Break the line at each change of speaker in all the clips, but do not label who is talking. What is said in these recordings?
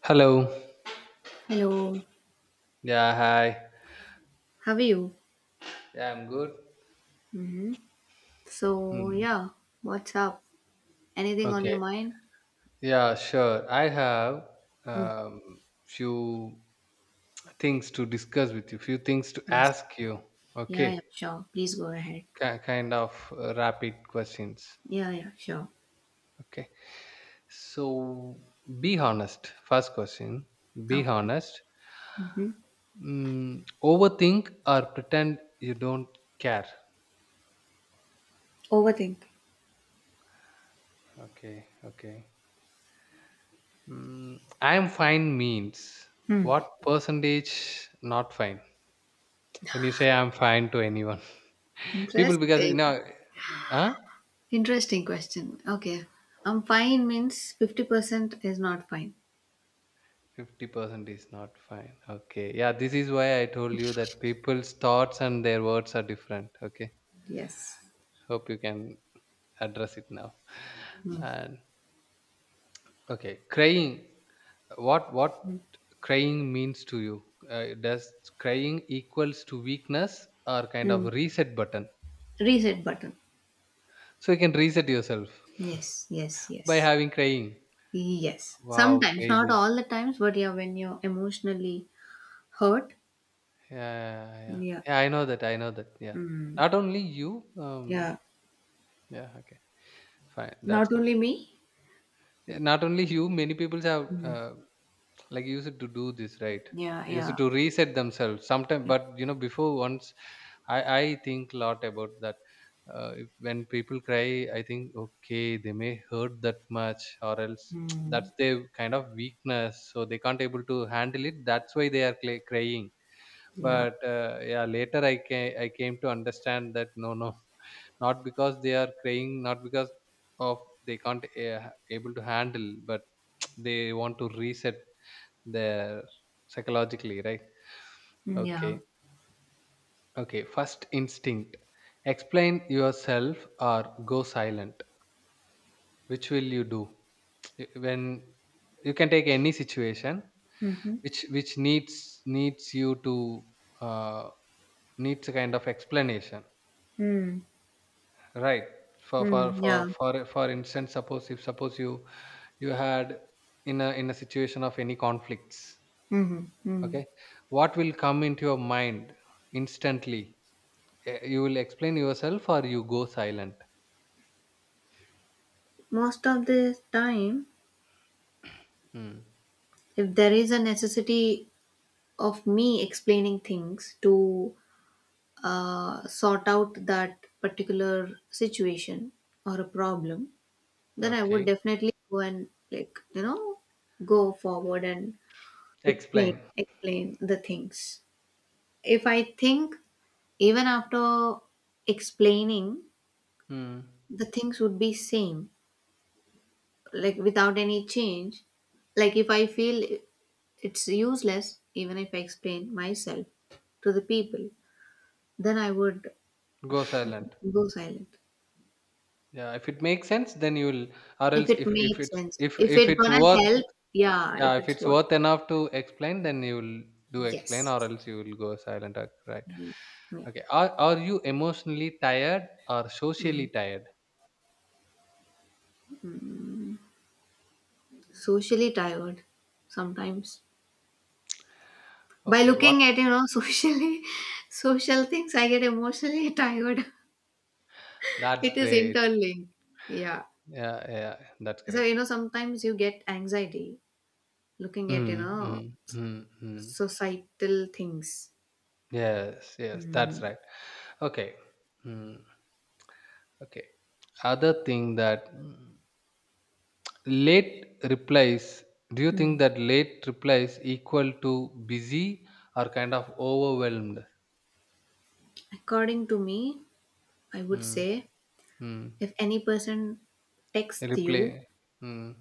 Hello.
Hello,
Yeah, hi.
how are you?
Yeah, I'm good.
hmm So,
Hmm.
yeah, what's up? Anything on your
Okay.
mind?
Yeah, sure. I have
Mm,
few things to discuss with you, few things to
yes.
ask you.
Yeah, yeah,
Okay.
sure. Please go ahead.
Ki kind of rapid questions.
Yeah, yeah, sure.
Okay. So be honest. First question. Be
Okay.
honest.
hmm
Mm, overthink or pretend you don't care.
Overthink.
Okay. Okay. Mm, I'm fine means
Hmm.
what percentage not fine? When you say I'm fine to anyone, people because
Interesting.
huh?
Interesting question. Okay. I'm fine means 50% is not fine.
50% is not fine. Okay. Yeah, this is why I told you that people's thoughts and their words are different. Okay.
Yes.
Hope you can address it now.
Hmm.
And okay, crying. What crying means to you? Does crying equals to weakness or kind of
Hmm.
reset button?
Reset button.
So you can reset yourself
Yes, yes,
by
yes.
having crying.
Yes.
Wow,
Sometimes, not
crazy.
all the times, but yeah, when you're emotionally hurt,
Yeah, yeah, yeah.
yeah.
Yeah, I know that. I know that. Yeah.
Mm.
Not only you.
Yeah.
Yeah. Okay. Fine. That's
Not
good.
only me.
Yeah, not only you. Many people have
Mm.
like used to do this, right?
Yeah, yeah,
Used to reset themselves sometimes.
yeah.
But you know, before once, I think a lot about that. When people cry, I think okay, they may hurt that much, or else
Mm.
that's their kind of weakness, so they can't able to handle it. That's why they are crying,
Yeah.
but yeah, later I came to understand that no, no, not because they are crying, not because of they can't able to handle, but they want to reset their psychologically, right?
Mm, yeah.
Okay. Okay, first instinct, explain yourself or go silent, which will you do? When you can take any situation
Mm-hmm.
which needs you to uh, needs a kind of explanation.
Mm.
Right. For
Mm.
for
Yeah.
for for for instance, suppose if suppose you had in a situation of any conflicts,
Mm-hmm. Mm.
okay, what will come into your mind instantly? You will explain yourself or you go silent?
Most of the time,
Hmm.
if there is a necessity of me explaining things to sort out that particular situation or a problem, then I would
Okay.
definitely go and, like, you know, go forward and explain
Explain.
explain the things. If I think even after explaining,
Hmm.
the things would be same, like without any change. Like if I feel it's useless, even if I explain myself to the people, then I would
Go silent.
go silent.
Yeah. If it makes sense, then you will. Or
If
else,
it
if if
makes
it's
sense,
if
if
if
it
it's
gonna
worth.
help, yeah.
Yeah,
If
if
it's
it's
worth,
worth enough to explain, then you will do explain, or
yes,
else you will go silent. Right?
yeah, yeah.
Okay. Are you emotionally tired or socially
Mm.
tired?
Socially tired sometimes. By
Okay. What?
looking at, you know, socially social things, I get emotionally tired.
That's
It is
great.
interlinked. Yeah.
Yeah, yeah, that's
So,
correct.
you know, sometimes you get anxiety looking at, you
Mm,
know,
mm, mm, mm.
societal things.
Yes, yes,
Hmm.
that's right. Okay. Mm, okay. Other thing that mm, late replies. Do you
Hmm.
think that late replies equal to busy or kind of overwhelmed?
According to me, I would
Mm,
say,
mm.
if any person texts you,
Replay. Mm.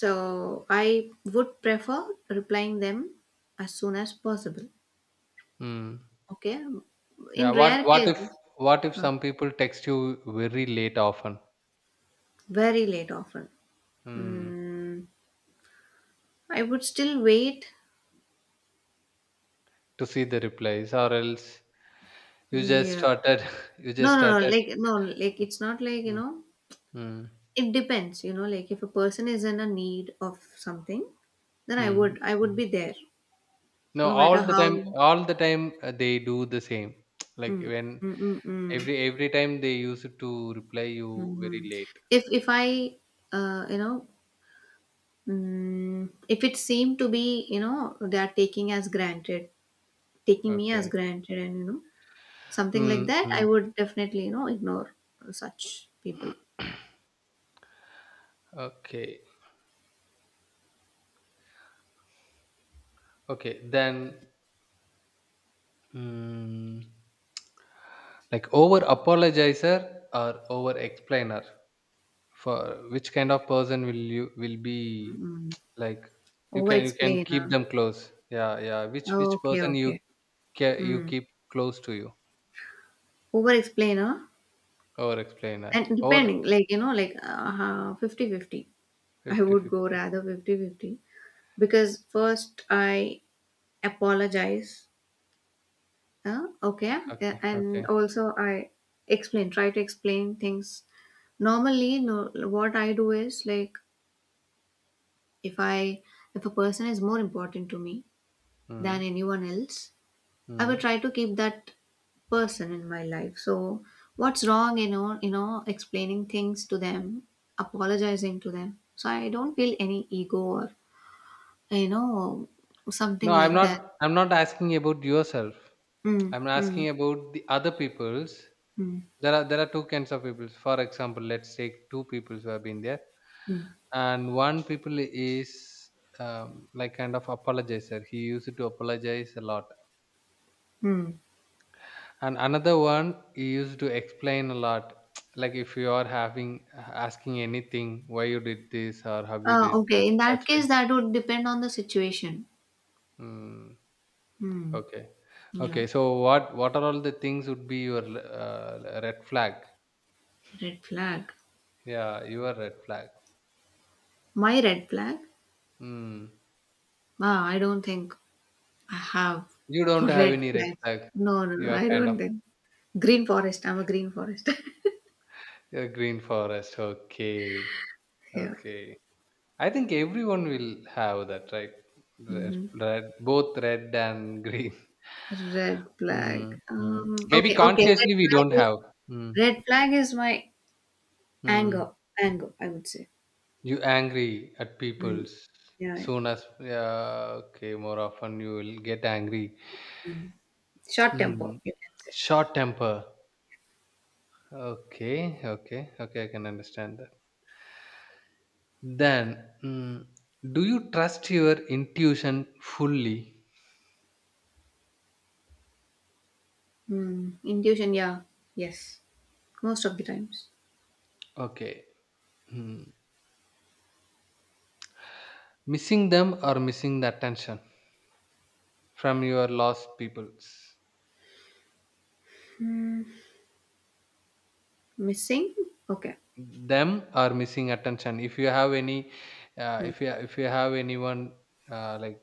so I would prefer replying them as soon as possible.
Mm.
Okay. In
Yeah.
rare cases,
What if
huh,
some people text you very late often,
very late often.
mm,
Mm, I would still wait.
to see the replies, or else you just
Yeah.
started you
No,
just
no, no.
started.
Like, no, like, it's not like, you
Mm.
know,
Mm.
it depends, you know, like if a person is in a need of something, then I
Mm.
would, I would
Mm.
be there
No,
no matter
all the time,
how.
all the time, they do the same. Like
Mm,
when
mm, mm, mm,
every time they use it to reply you very
hmm
late.
if I, you know, mm, if it seemed to be, you know, they are taking as granted, taking me as
Okay.
granted and, you know, something like
Mm.
that, I
Mm.
would definitely, you know, ignore such people.
okay. Okay. Then mm, like over apologizer or over explainer, for which kind of person will you will be
Mm-mm.
like,
Over
you can keep
explain.
them close? Yeah, yeah, which
Okay,
person you
okay.
you
Hmm.
keep close to you,
Over explain, huh?
over explainer
And
or
depending, like, you know, like 50 fifty. I
50
would go
50?
rather 50 50 because first I apologize, okay,
Okay,
yeah, and
okay,
also I explain, try to explain things. Normally, no, what I do is like, if I, if a person is more important to me
mm,
than anyone else, I would
mm.
try to keep that person in my life. So what's wrong, you know, explaining things to them, apologizing to them. So I don't feel any ego or, you know,
No,
something
i'm
like
not
that.
i'm not asking about yourself,
Mm,
I'm
mm,
asking about the other people's.
mm,
There are two kinds of people. For example, let's take two people who have been there,
mm,
and one people is like kind of apologizer. He used to apologize a lot,
mm.
and another one he used to explain a lot. Like if you are having asking anything, why you did this or how you did this,
Okay, in that
that's way.
case, that would depend on the situation.
Mm,
Hmm.
okay,
Yeah.
okay. So what are all the things would be your red flag?
Red flag.
Yeah, your red flag.
My red flag?
Mm.
Ah, I don't think I have
You don't have
red
any red
flags.
flag.
No, no,
You
no,
are
I
kind
don't
of
think. Green forest. I'm a green forest.
a green forest. Okay.
Yeah.
Okay. I think everyone will have that, right? Red,
hmm
red, both red and green.
Red
Mm,
flag.
mm. Maybe
Okay. Okay. Red
consciously we
flag
don't
is,
have. Mm,
my
mm.
anger. Anger, I would say.
You angry at
Mm.
people
Yeah, yeah.
soon as, yeah, okay, more often you will get angry.
Mm. Short temper,
Mm.
you can say.
Short temper. Okay, okay, okay. I can understand that. Then, mm, do you trust your intuition fully?
Mm. Intuition. Yeah. Yes. Most of the times.
Okay. Mm. Missing them or missing the attention from your lost peoples?
Mm. Missing. Okay.
Them or missing attention? If you have any,
Mm.
if you have anyone, like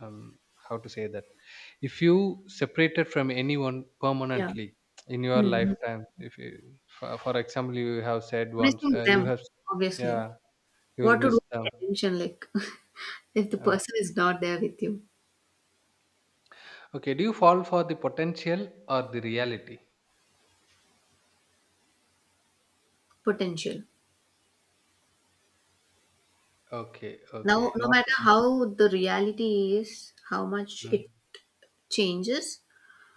how to say that? If you separated from anyone
Yeah.
permanently in your
Mm.
lifetime, if you, for example, you have said once,
Missing
you
them.
have,
Obviously.
yeah, you will
What to do?
miss them.
With attention. Like. If the
Uh,
person is not there with you.
Okay, do you fall for the potential or the reality?
Potential.
Okay,
Now,
okay,
no
not
matter
for,
how the reality is, how much
mm,
it changes,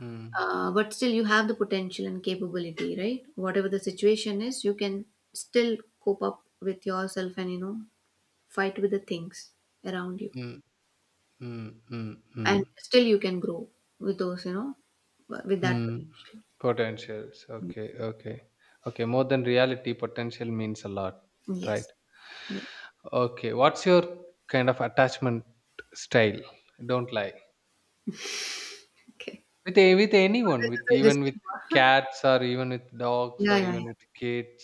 mm,
but still you have the potential and capability, right? Whatever the situation is, you can still cope up with yourself and, you know, fight with the things around you
mm, mm, mm, mm,
and still you can grow with those, you know, with that
mm,
potential.
potentials. Okay, okay, okay. More than reality, potential means a lot, right?
Yes, yeah.
Okay, what's your kind of attachment style? Don't lie
Okay,
with with anyone,
this
with
is a
even with
disclaimer.
cats or even with dogs
Yeah,
or
yeah, yeah.
even with kids,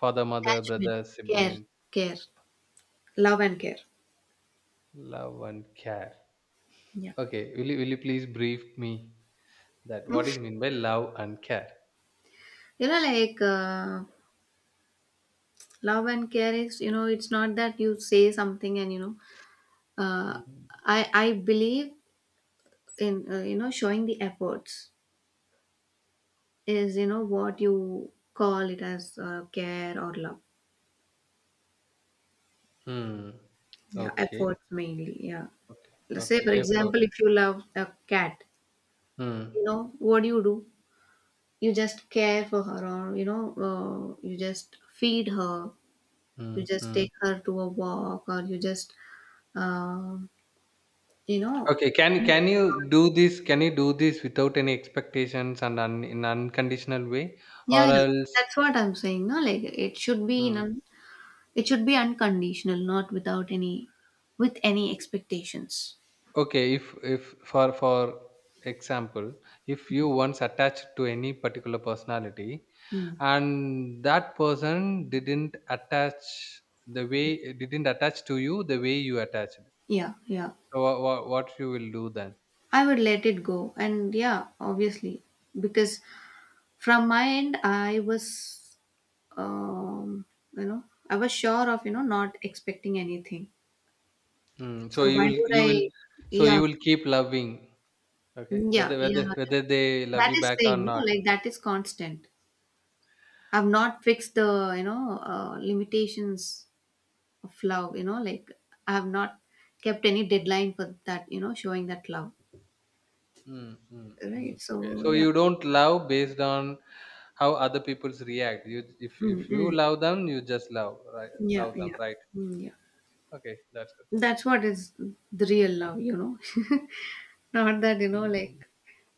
father, mother,
Attachment.
brother,
Care,
sibling,
care love and care.
love and care.
Yeah.
Okay, will you please brief me that what is meant by love and care?
You know, like love and care is, you know, it's not that you say something and, you know, uh,
Hmm.
I believe in, you know, showing the efforts is, you know, what you call it as care or love.
Hmm.
Yeah,
Okay.
efforts
Okay.
mainly. Yeah.
Okay.
Let's say,
Okay.
for
Effort.
example, if you love a cat,
Hmm.
you know, what do? You just care for her, or, you know, you just feed her, you
Hmm.
just
Hmm.
take her to a walk, or you just. um You know?
Okay. Can you do this? Can you do this without any expectations and in unconditional way,
Yeah,
or
yeah.
else?
That's what I'm saying, no? Like, it should be in
Hmm.
an, it should be unconditional, not without any, with any expectations.
Okay, if for example, if you once attached to any particular personality
Hmm.
and that person didn't attach the way didn't attach to you the way you attached.
Yeah, yeah.
So what what you will do then?
I would let it go. And yeah, obviously, because from my end, I was, um, you know, I was sure of, you know, not expecting anything.
Mm, so
So why would
you will
I,
so you
yeah,
will keep loving, okay?
yeah,
Whether
yeah,
whether
yeah.
whether they love
That
you
is
back or
saying, no,
not.
like, that is constant. I've not fixed the, you know, limitations of love. You know, like, I have not kept any deadline for that, you know, showing that love.
Mm, mm,
Right.
mm. Okay,
So
so
yeah.
you don't love based on how other people's react. You,
Mm,
if you
mm.
love them, you just love, right?
Yeah.
Love them,
Yeah.
right?
Mm, yeah.
Okay, that's good.
That's what is the real love. You know, not that, you know,
Mm,
like,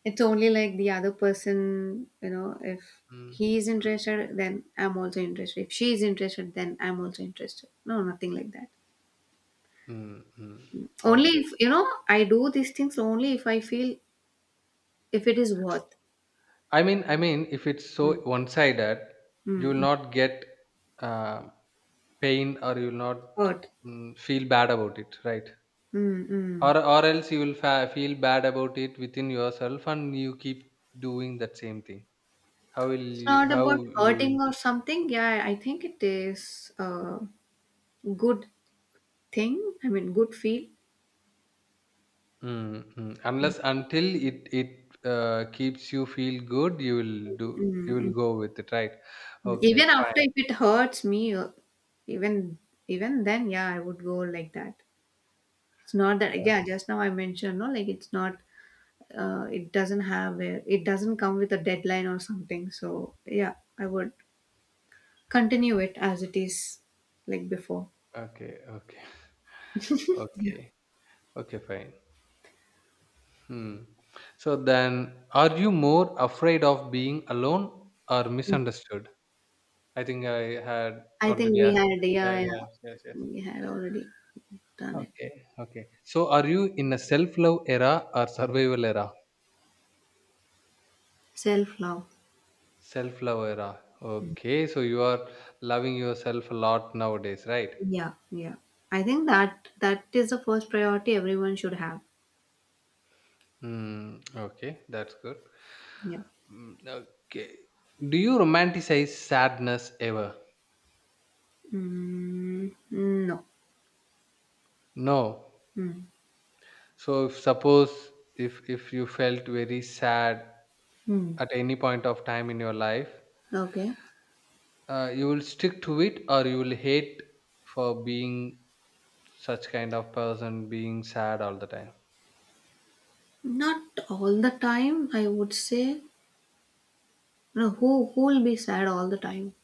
it's only like the other person. You know, if
mm,
he is
mm,
interested, then I'm also interested. If she is interested, then I'm also interested. No, nothing like that.
mm, mm.
Only
Okay.
if, you know, I do these things only if I feel. If it is worth.
If it's so
Mm,
one-sided, you
mm,
will
mm.
not get uh, pain, or you will not
Hurt.
mm, feel bad about it, right?
Mm, mm.
Or else you will feel bad about it within yourself, and you keep doing that same thing. How will
It's
you?
not
How
about
you
hurting or
will
something. Yeah, I think it is a good thing. I mean, good feel.
mm, mm.
Mm,
Unless until it keeps you feel good, you will do, you
mm,
will
mm,
go with it, right?
mm.
Okay,
Even after
fine.
if it hurts me, even even then, yeah, I would go like that. It's not that.
Uh,
Yeah, just now I mentioned, no, like, it's not. It doesn't have a. It doesn't come with a deadline or something. So yeah, I would continue it as it is, like before.
Okay, okay,
Yeah.
okay, okay, fine. Hmm. So then, are you more afraid of being alone or misunderstood? I think I had
I think
already
we
asked
had,
this. Yeah,
yeah, yeah,
yeah, yes, yes.
we had already done it.
Okay, okay. So, are you in a self-love era or survival era?
Self love.
Self love era. Okay, so you are loving yourself a lot nowadays, right?
Yeah, yeah. I think that that is the first priority everyone should have.
Hmm. Okay, that's good.
Yeah.
Mm, okay. Do you romanticize sadness ever?
Mm, no.
No.
Mm,
So if suppose if you felt very sad
mm.
at any point of time in your life,
Okay.
you will stick to it or you will hate for being such kind of person being sad all the time?
Not all the time, I would say. No, who will be sad all the time?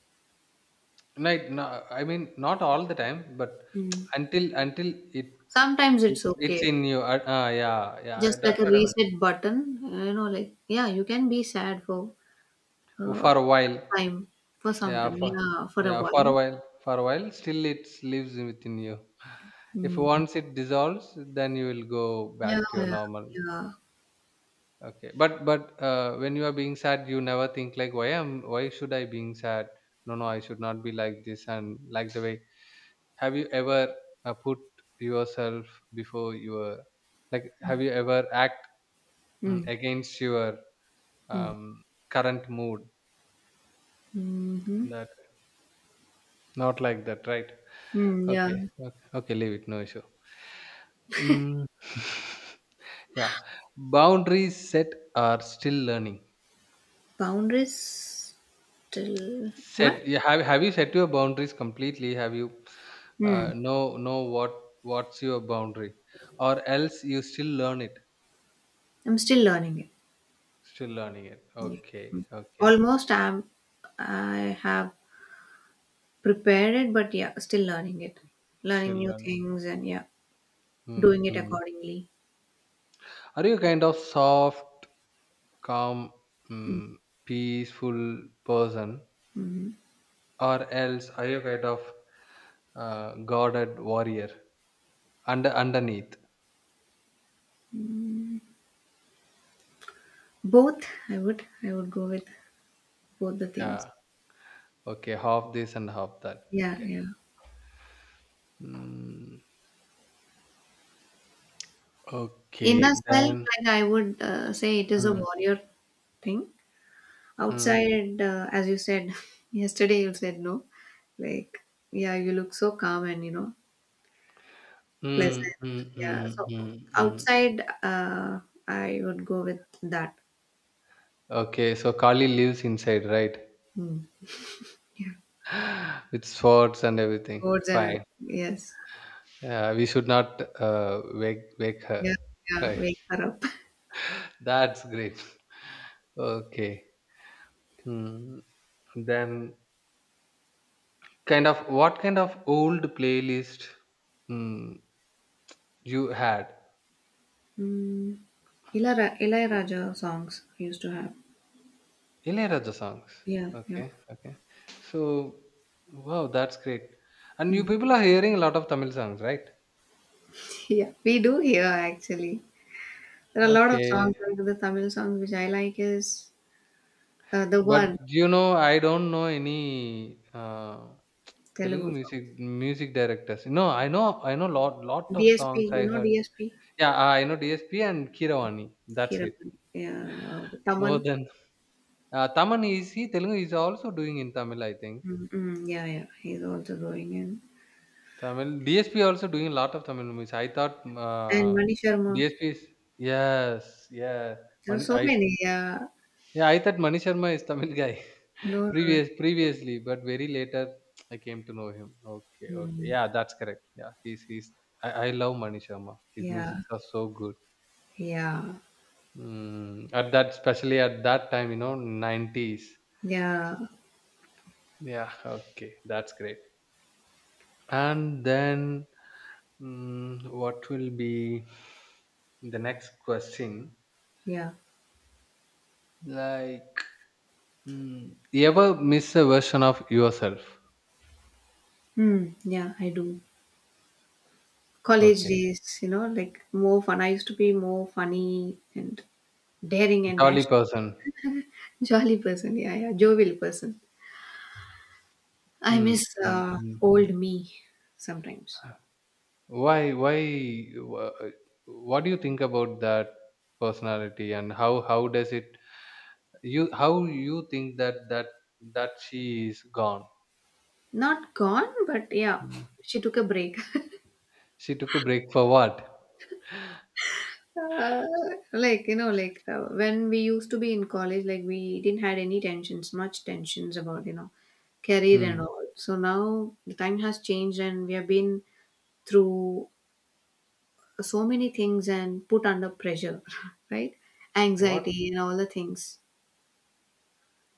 Right. No, I mean not all the time, but
Mm.
until it,
Sometimes it's
it's
okay.
in you. Yeah, yeah.
Just like
That's
a
what I meant.
reset button, you know, like, yeah, you can be sad for uh,
For a while.
some time,
Yeah. For,
yeah, for a
yeah, for a
while.
while. For a while. Still, it lives within you. If
Mm.
once it dissolves, then you will go
Yeah,
back to your
yeah,
normal.
yeah.
Okay. But when you are being sad, you never think like why am why should I being sad? No, no. I should not be like this, and like the way have you ever put yourself before your, like have you ever act mm,
Mm,
against your
mm,
um, current mood,
mm-hmm.
that not like that, right?
Mm, yeah.
Okay, okay, okay, leave it, no issue. Mm. Yeah, boundaries set are still learning?
Boundaries still
Set,
what?
you have you set your boundaries completely? Have you
Mm.
know what what's your boundary, or else you still learn it?
I'm still learning it.
Still learning it,
Yeah.
okay,
Mm.
okay.
Almost I'm I have prepared it, but yeah, still learning it. Learning
Still
new
learning.
things and yeah,
Mm,
doing it
mm.
accordingly.
Are you kind of soft, calm,
Mm,
mm, peaceful person,
mhm.
or else are you kind of guarded warrior underneath?
Both, I would go with both the things.
Yeah. Okay. Half this and half that.
Yeah,
Okay.
yeah.
Mm,
Inner
okay.
self,
Then.
like, I would say, it is a
Mm,
warrior thing.
mm,
Outside, as you said yesterday you said, no, like, yeah, you look so calm and, you know,
mm,
pleasant,
mm,
yeah,
mm,
so
mm, mm.
outside, I would go with that.
Okay. So Kali lives inside, right?
Hmm. Yeah,
With swords and everything.
sports and everything.
Fine.
Yes.
Yeah, we should not wake her.
Yeah, yeah
Right.
wake her up.
That's great. Okay. Hmm. Then, kind of, what kind of old playlist hmm, you had?
Mm. Ilara, Ilai Raja songs we used to have.
Ilayaraja songs.
Yeah, yeah.
Okay. Okay. So, wow, that's great. And you
Hmm.
people are hearing a lot of Tamil songs, right?
Yeah, we do here actually. There are a lot of
Okay.
songs, like the Tamil songs which I like is the
But
one
you know, I don't know any Telugu
Telugu song.
music directors. No, I know, I know lot, lot of
DSP,
songs I
you know
heard.
DSP?
Yeah, I know DSP and Keeravani. That's
Kiran.
it.
Yeah,
More
Taman.
than Taman is, he Telugu is also doing in Tamil, I think.
Mm, mm, yeah, yeah. He's also going in.
Tamil DSP also doing a lot of Tamil movies. I thought
And
uh,
Mani Sharma.
DSP is, yes, yes.
There are
Mani,
so
I,
many, yeah.
yeah, I thought Manish Sharma is Tamil guy.
No, no,
Previously, but very later I came to know him. Okay, okay.
mm,
Yeah, that's correct. Yeah, he's he's. I love Manish Sharma. His
yeah,
musics are so good.
yeah,
Mm, at that, especially at that time, you know, 90s.
yeah,
Yeah, okay, that's great. And then, what will be the next question?
yeah.
Like, you ever miss a version of yourself?
Hmm, yeah, I do. College
Okay,
days, you know, like more fun. I used to be more funny and daring and
jolly
dashing.
person.
Jolly person, yeah, yeah, jovial person. I
Mm,
miss
mm, mm.
old me sometimes.
Why, why, wha- what do you think about that personality and how does it, how you think that she is gone?
Not gone, but yeah,
Mm.
she took a break.
She took a break for what?
Uh, like, you know, like when we used to be in college, like, we didn't had any tensions, much tensions about, you know, career
Hmm.
and all. So now the time has changed, and we have been through so many things and put under pressure, right?
What
Anxiety and all the things.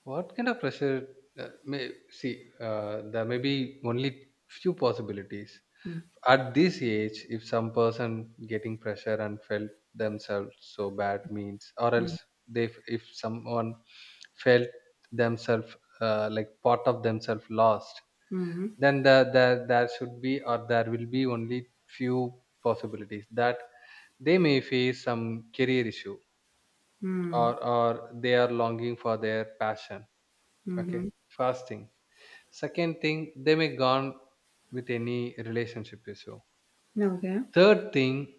What kind of pressure? May see, there may be only few possibilities.
Mm,
At this age, if some person getting pressure and felt themselves so bad means, or
mm,
else they, if someone felt themselves like part of themselves lost,
mm,
then there should be or there will be only few possibilities that they may face some career issue
mm,
or they are longing for their passion.
mm,
Okay,
mm.
fasting. Second thing, they may gone with any relationship issue.
Okay.
Third thing,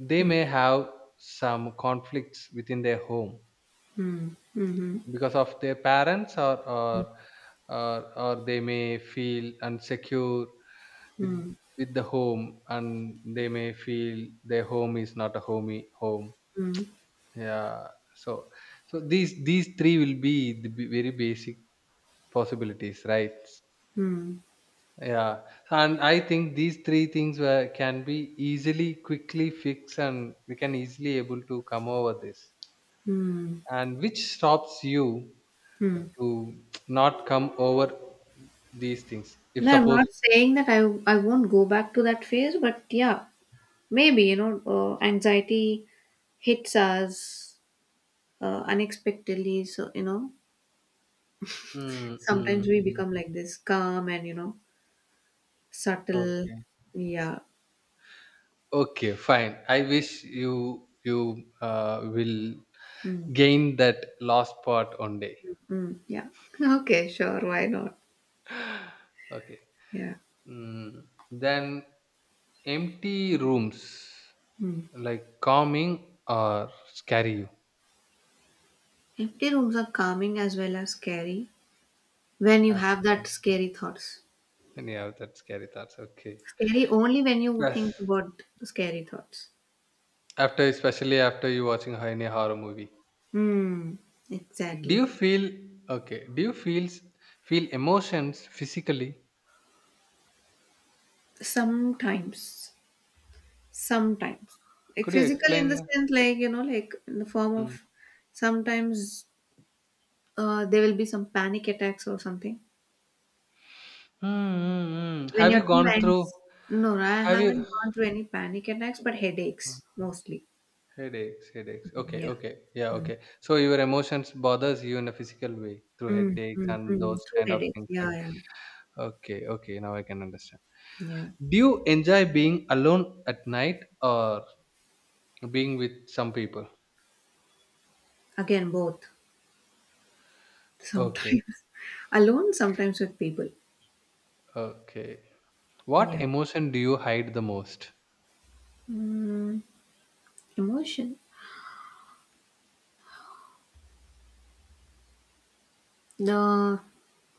they
Mm,
may have some conflicts within their home
mm, mm,
because of their parents or or they may feel insecure with
mm,
the home and they may feel their home is not a homey home.
mm,
Yeah. So so these three will be the very basic possibilities, right?
mm,
Yeah, and I think these three things were, can be easily, quickly fixed, and we can easily able to come over this.
mm,
And which stops you
mm.
to not come over these things? If
No, I'm
suppose,
not saying that I won't go back to that phase, but yeah, maybe, you know, anxiety hits us unexpectedly. So, you know,
mm,
sometimes
mm,
we
mm.
become like this, calm and, you know, subtle.
Okay,
Yeah,
okay, fine. I wish you will
mm,
gain that lost part one day.
mm, yeah. Okay, sure. Why not?
Okay,
Yeah.
mm. Then empty rooms.
Mm.
Like calming or scary you?
Empty rooms are calming as well as scary when you
As
have that
per-
scary thoughts.
Yeah, that's scary thoughts. Okay.
Scary only when you think
Yes.
about scary thoughts.
After, especially after you watching any horror movie,
Hmm.
do you
Exactly.
feel okay? Do you feel emotions physically?
Sometimes, sometimes, like
Could you
physical in the
explain?
sense, like, you know, like in the form
Mm.
of, sometimes there will be some panic attacks or something
Mm.
when
Have
you're
you
too
gone through?
anxious. No, no, I
Have you
haven't gone through any panic attacks, but headaches mostly.
headaches? Headaches. Okay.
Yeah.
Okay. Yeah.
Mm.
Okay. So your emotions bothers you in a physical way through
Mm,
headaches
mm,
and
mm.
those
True
kind of
headaches.
things,
Yeah,
right?
yeah,
Okay. Okay. Now I can understand.
yeah.
Do you enjoy being alone at night or being with some people?
Again, both.
Okay,
Sometimes alone, sometimes with people.
okay. What
Yeah.
emotion do you hide the most?
Mm, emotion. The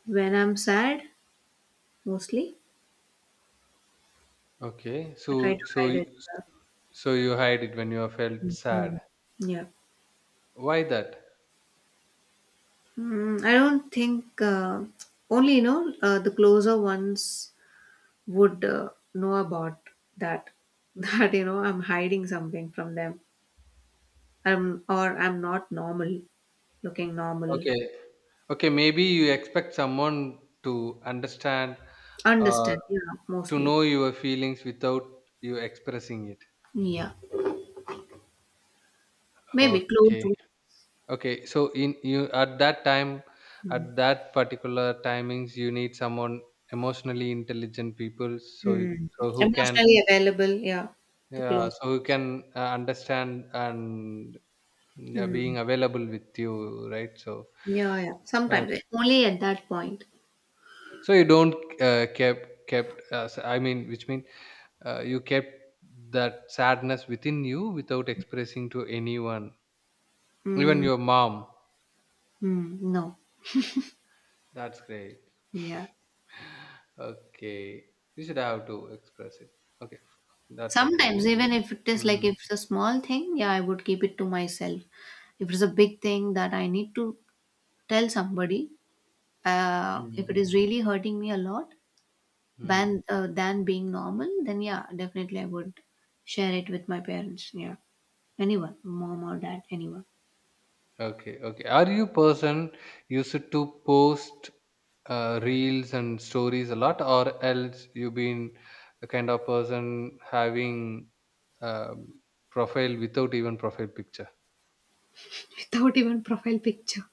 When I'm sad, mostly.
Okay,
I try
so
to
so
hide it. uh,
so you hide it when you are felt sad.
Mhm. Yeah.
Why that?
Mm, I don't think, only, you know, the closer ones would know about that that, you know, I'm hiding something from them. I'm, or I'm not normal, looking normal.
Okay, okay. Maybe you expect someone to understand or
Understand? Yeah,
to
mostly.
know your feelings without you expressing it.
Yeah, maybe close
Okay.
to.
Okay, so in you at that time,
Mm.
at that particular timings, you need someone emotionally intelligent people,
Mm.
so who can
Emotionally available. Yeah, the
yeah,
close
so who
ones.
can understand and yeah,
Mm.
being available with you, right? So
Yeah, yeah.
okay.
Sometimes eh, only at that point.
So you don't I mean, which mean you kept that sadness within you without expressing to anyone, even
Mm.
your mom.
Mm. No.
That's great.
Yeah.
Okay. You should have to express it. Okay. That's up to
Sometimes,
you.
even if it is, like,
Mm,
if it's a small thing, yeah, I would keep it to myself. If it's a big thing that I need to tell somebody, if it
mm,
is really hurting me a lot,
mm.
than being normal, then yeah, definitely I would share it with my parents. Yeah, anyone, mom or dad, anyone,
Okay. Okay. Are you person used to post reels and stories a lot, or else you been the kind of person having um, profile without even profile picture?
without even profile picture.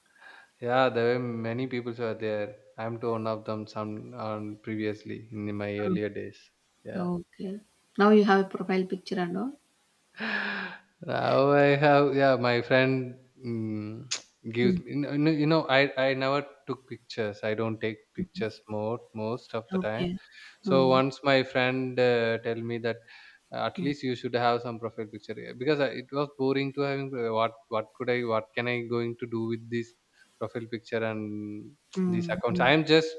Yeah, there were many people who are there. I'm to one of them some previously in my earlier days. Yeah.
Oh, okay. Now you have a profile picture and all.
Now I have, yeah, my friend mm, gives
Mm.
me, you know, I never took pictures. I don't take pictures more, most of the time.
Okay.
So
Mm.
once my friend tell me that at
Mm.
least you should have some profile picture yeah, because I, it was boring to having what can I going to do with this profile picture and these
Mm.
accounts.
Mm.
I am just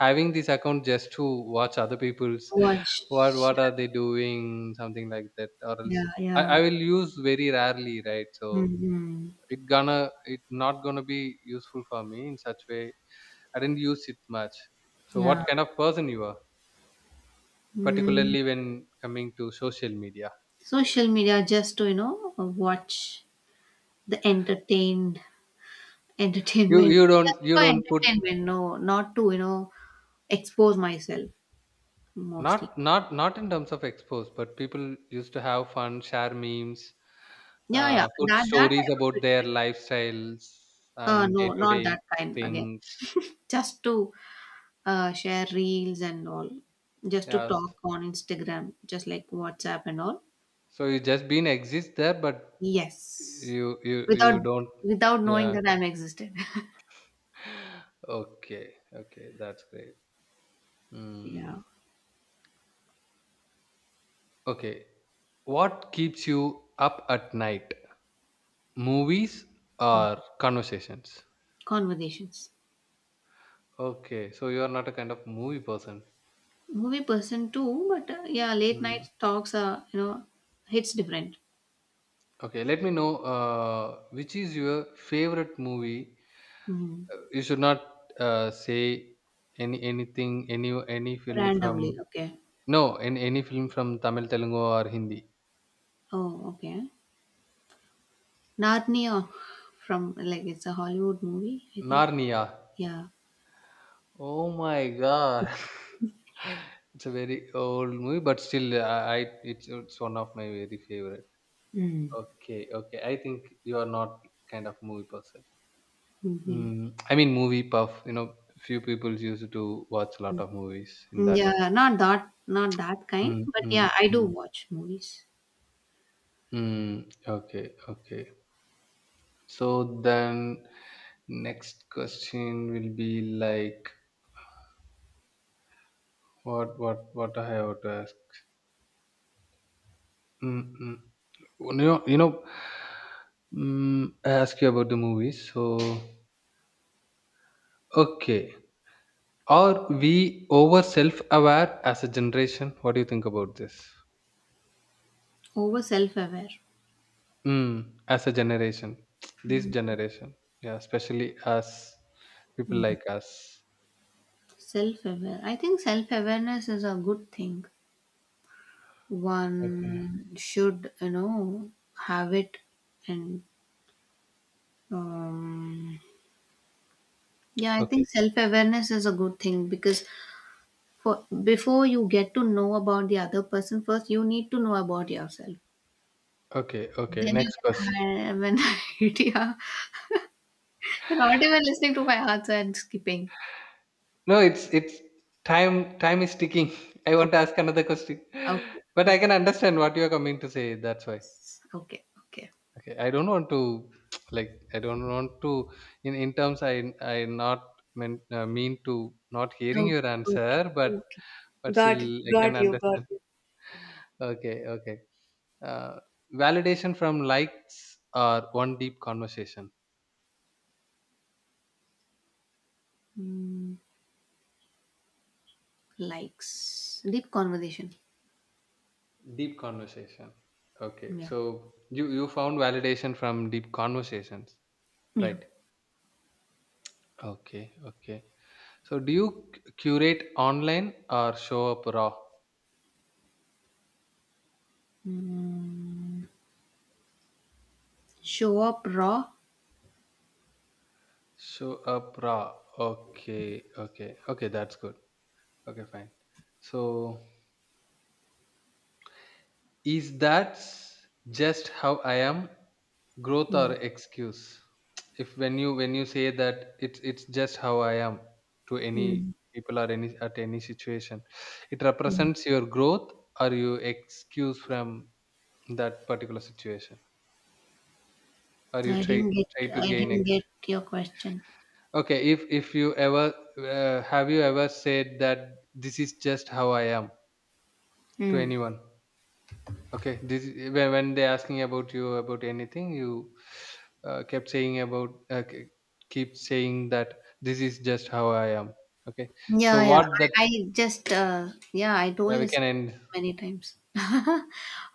having this account just to watch other people's
Watch.
what are they doing something like that or
Yeah,
else
yeah.
I will use very rarely right so
Mhm.
it not gonna be useful for me in such way I didn't use it much. So
Yeah.
what kind of person you are?
Mm.
Particularly when coming to social media.
Social media just to, you know, watch the entertained entertainment. Just
You
for
don't put
entertainment, no, not to, you know, expose myself mostly.
not in terms of expose, but people used to have fun, share memes,
Yeah, yeah.
put
That that I
stories
would be
about their
doing.
lifestyles and day
No,
to
not that
day
kind again.
things.
Just to share reels and all. Just to
Yes.
talk on Instagram, just like WhatsApp and all.
So you just been exist there, but
Yes. Without,
you don't.
knowing
Yeah.
that I'm existed.
Okay. Okay. That's great. Mm.
Yeah.
Okay. What keeps you up at night? Movies
Mm.
or conversations?
Conversations.
Okay, so you are not a kind of movie person.
Movie person too, but yeah, late night
Mm.
talks are, you know, hits different.
Okay, let me know which is your favorite movie.
Mm.
You should not say any film from
Randomly, okay.
no any film from Tamil, Telugu or Hindi.
Oh okay. Narnia. From, like, it's a Hollywood movie, I think.
Narnia.
Yeah.
Oh my God. It's a very old movie, but still, I it's one of my very favorite.
Mm.
Okay, okay. I think you are not kind of movie person.
hmm
Mm, I mean, movie puff. You know, few people used to watch a lot of movies in that.
yeah, not that, kind,
Mm,
but
mm,
yeah, I do
mm,
watch movies.
mm. Okay, okay. So then, next question will be like, what I have to ask. Mm, mm. You know, I ask you about the movies. So, okay. Are we over self-aware as a generation? What do you think about this?
Over self-aware.
Mm, as a generation, this
Mm.
generation, yeah, especially us, people like us.
Self-aware. I think self-awareness is a good thing.
Okay,
One should, you know, have it and, um, yeah, I
okay,
think self awareness is a good thing because, for, before you get to know about the other person, first you need to know about yourself.
okay.
Then you
Next question.
can have an idea. You're not even listening to my answer and skipping.
No, it's time. Time is ticking. I want
Okay,
to ask another question,
okay,
but I
oops,
can understand what you are coming to say. That's why.
okay, okay,
Okay, I don't want to like. I don't want to in terms. I not meant mean to not hearing
okay,
your
okay,
answer,
okay.
but still
Got it,
I can
got
understand.
it.
Okay, okay. uh, validation from likes or one deep conversation?
Mm, likes deep conversation.
Deep conversation. Okay,
Yeah,
so you found validation from deep conversations,
yeah.
right? Okay, okay. So do you curate online or show up raw?
Mm, show up raw.
Show up raw. Okay, okay, okay, that's good. Okay, fine. So is that just how I am? Growth or
Mm,
excuse? If when you when you say that it's just how I am to any
mm,
people or any at any situation, it
mm.
represents your growth or you excuse from that particular situation or you try try to
I
gain
didn't get
experience.
your question.
Okay, if you ever have you ever said that this is just how I am to
Hmm.
anyone? Okay, this is- when they asking about you about anything, you kept saying about k- keep saying that this is just how I am. Okay,
Yeah,
so
yeah.
what that
I just yeah, I told
we
this
can end.
many times.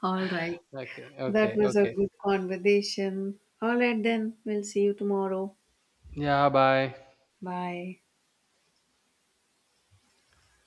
All right.
Okay,
That
okay,
was a
okay.
good conversation. All right, then. We'll see you tomorrow.
Yeah, bye.
Bye.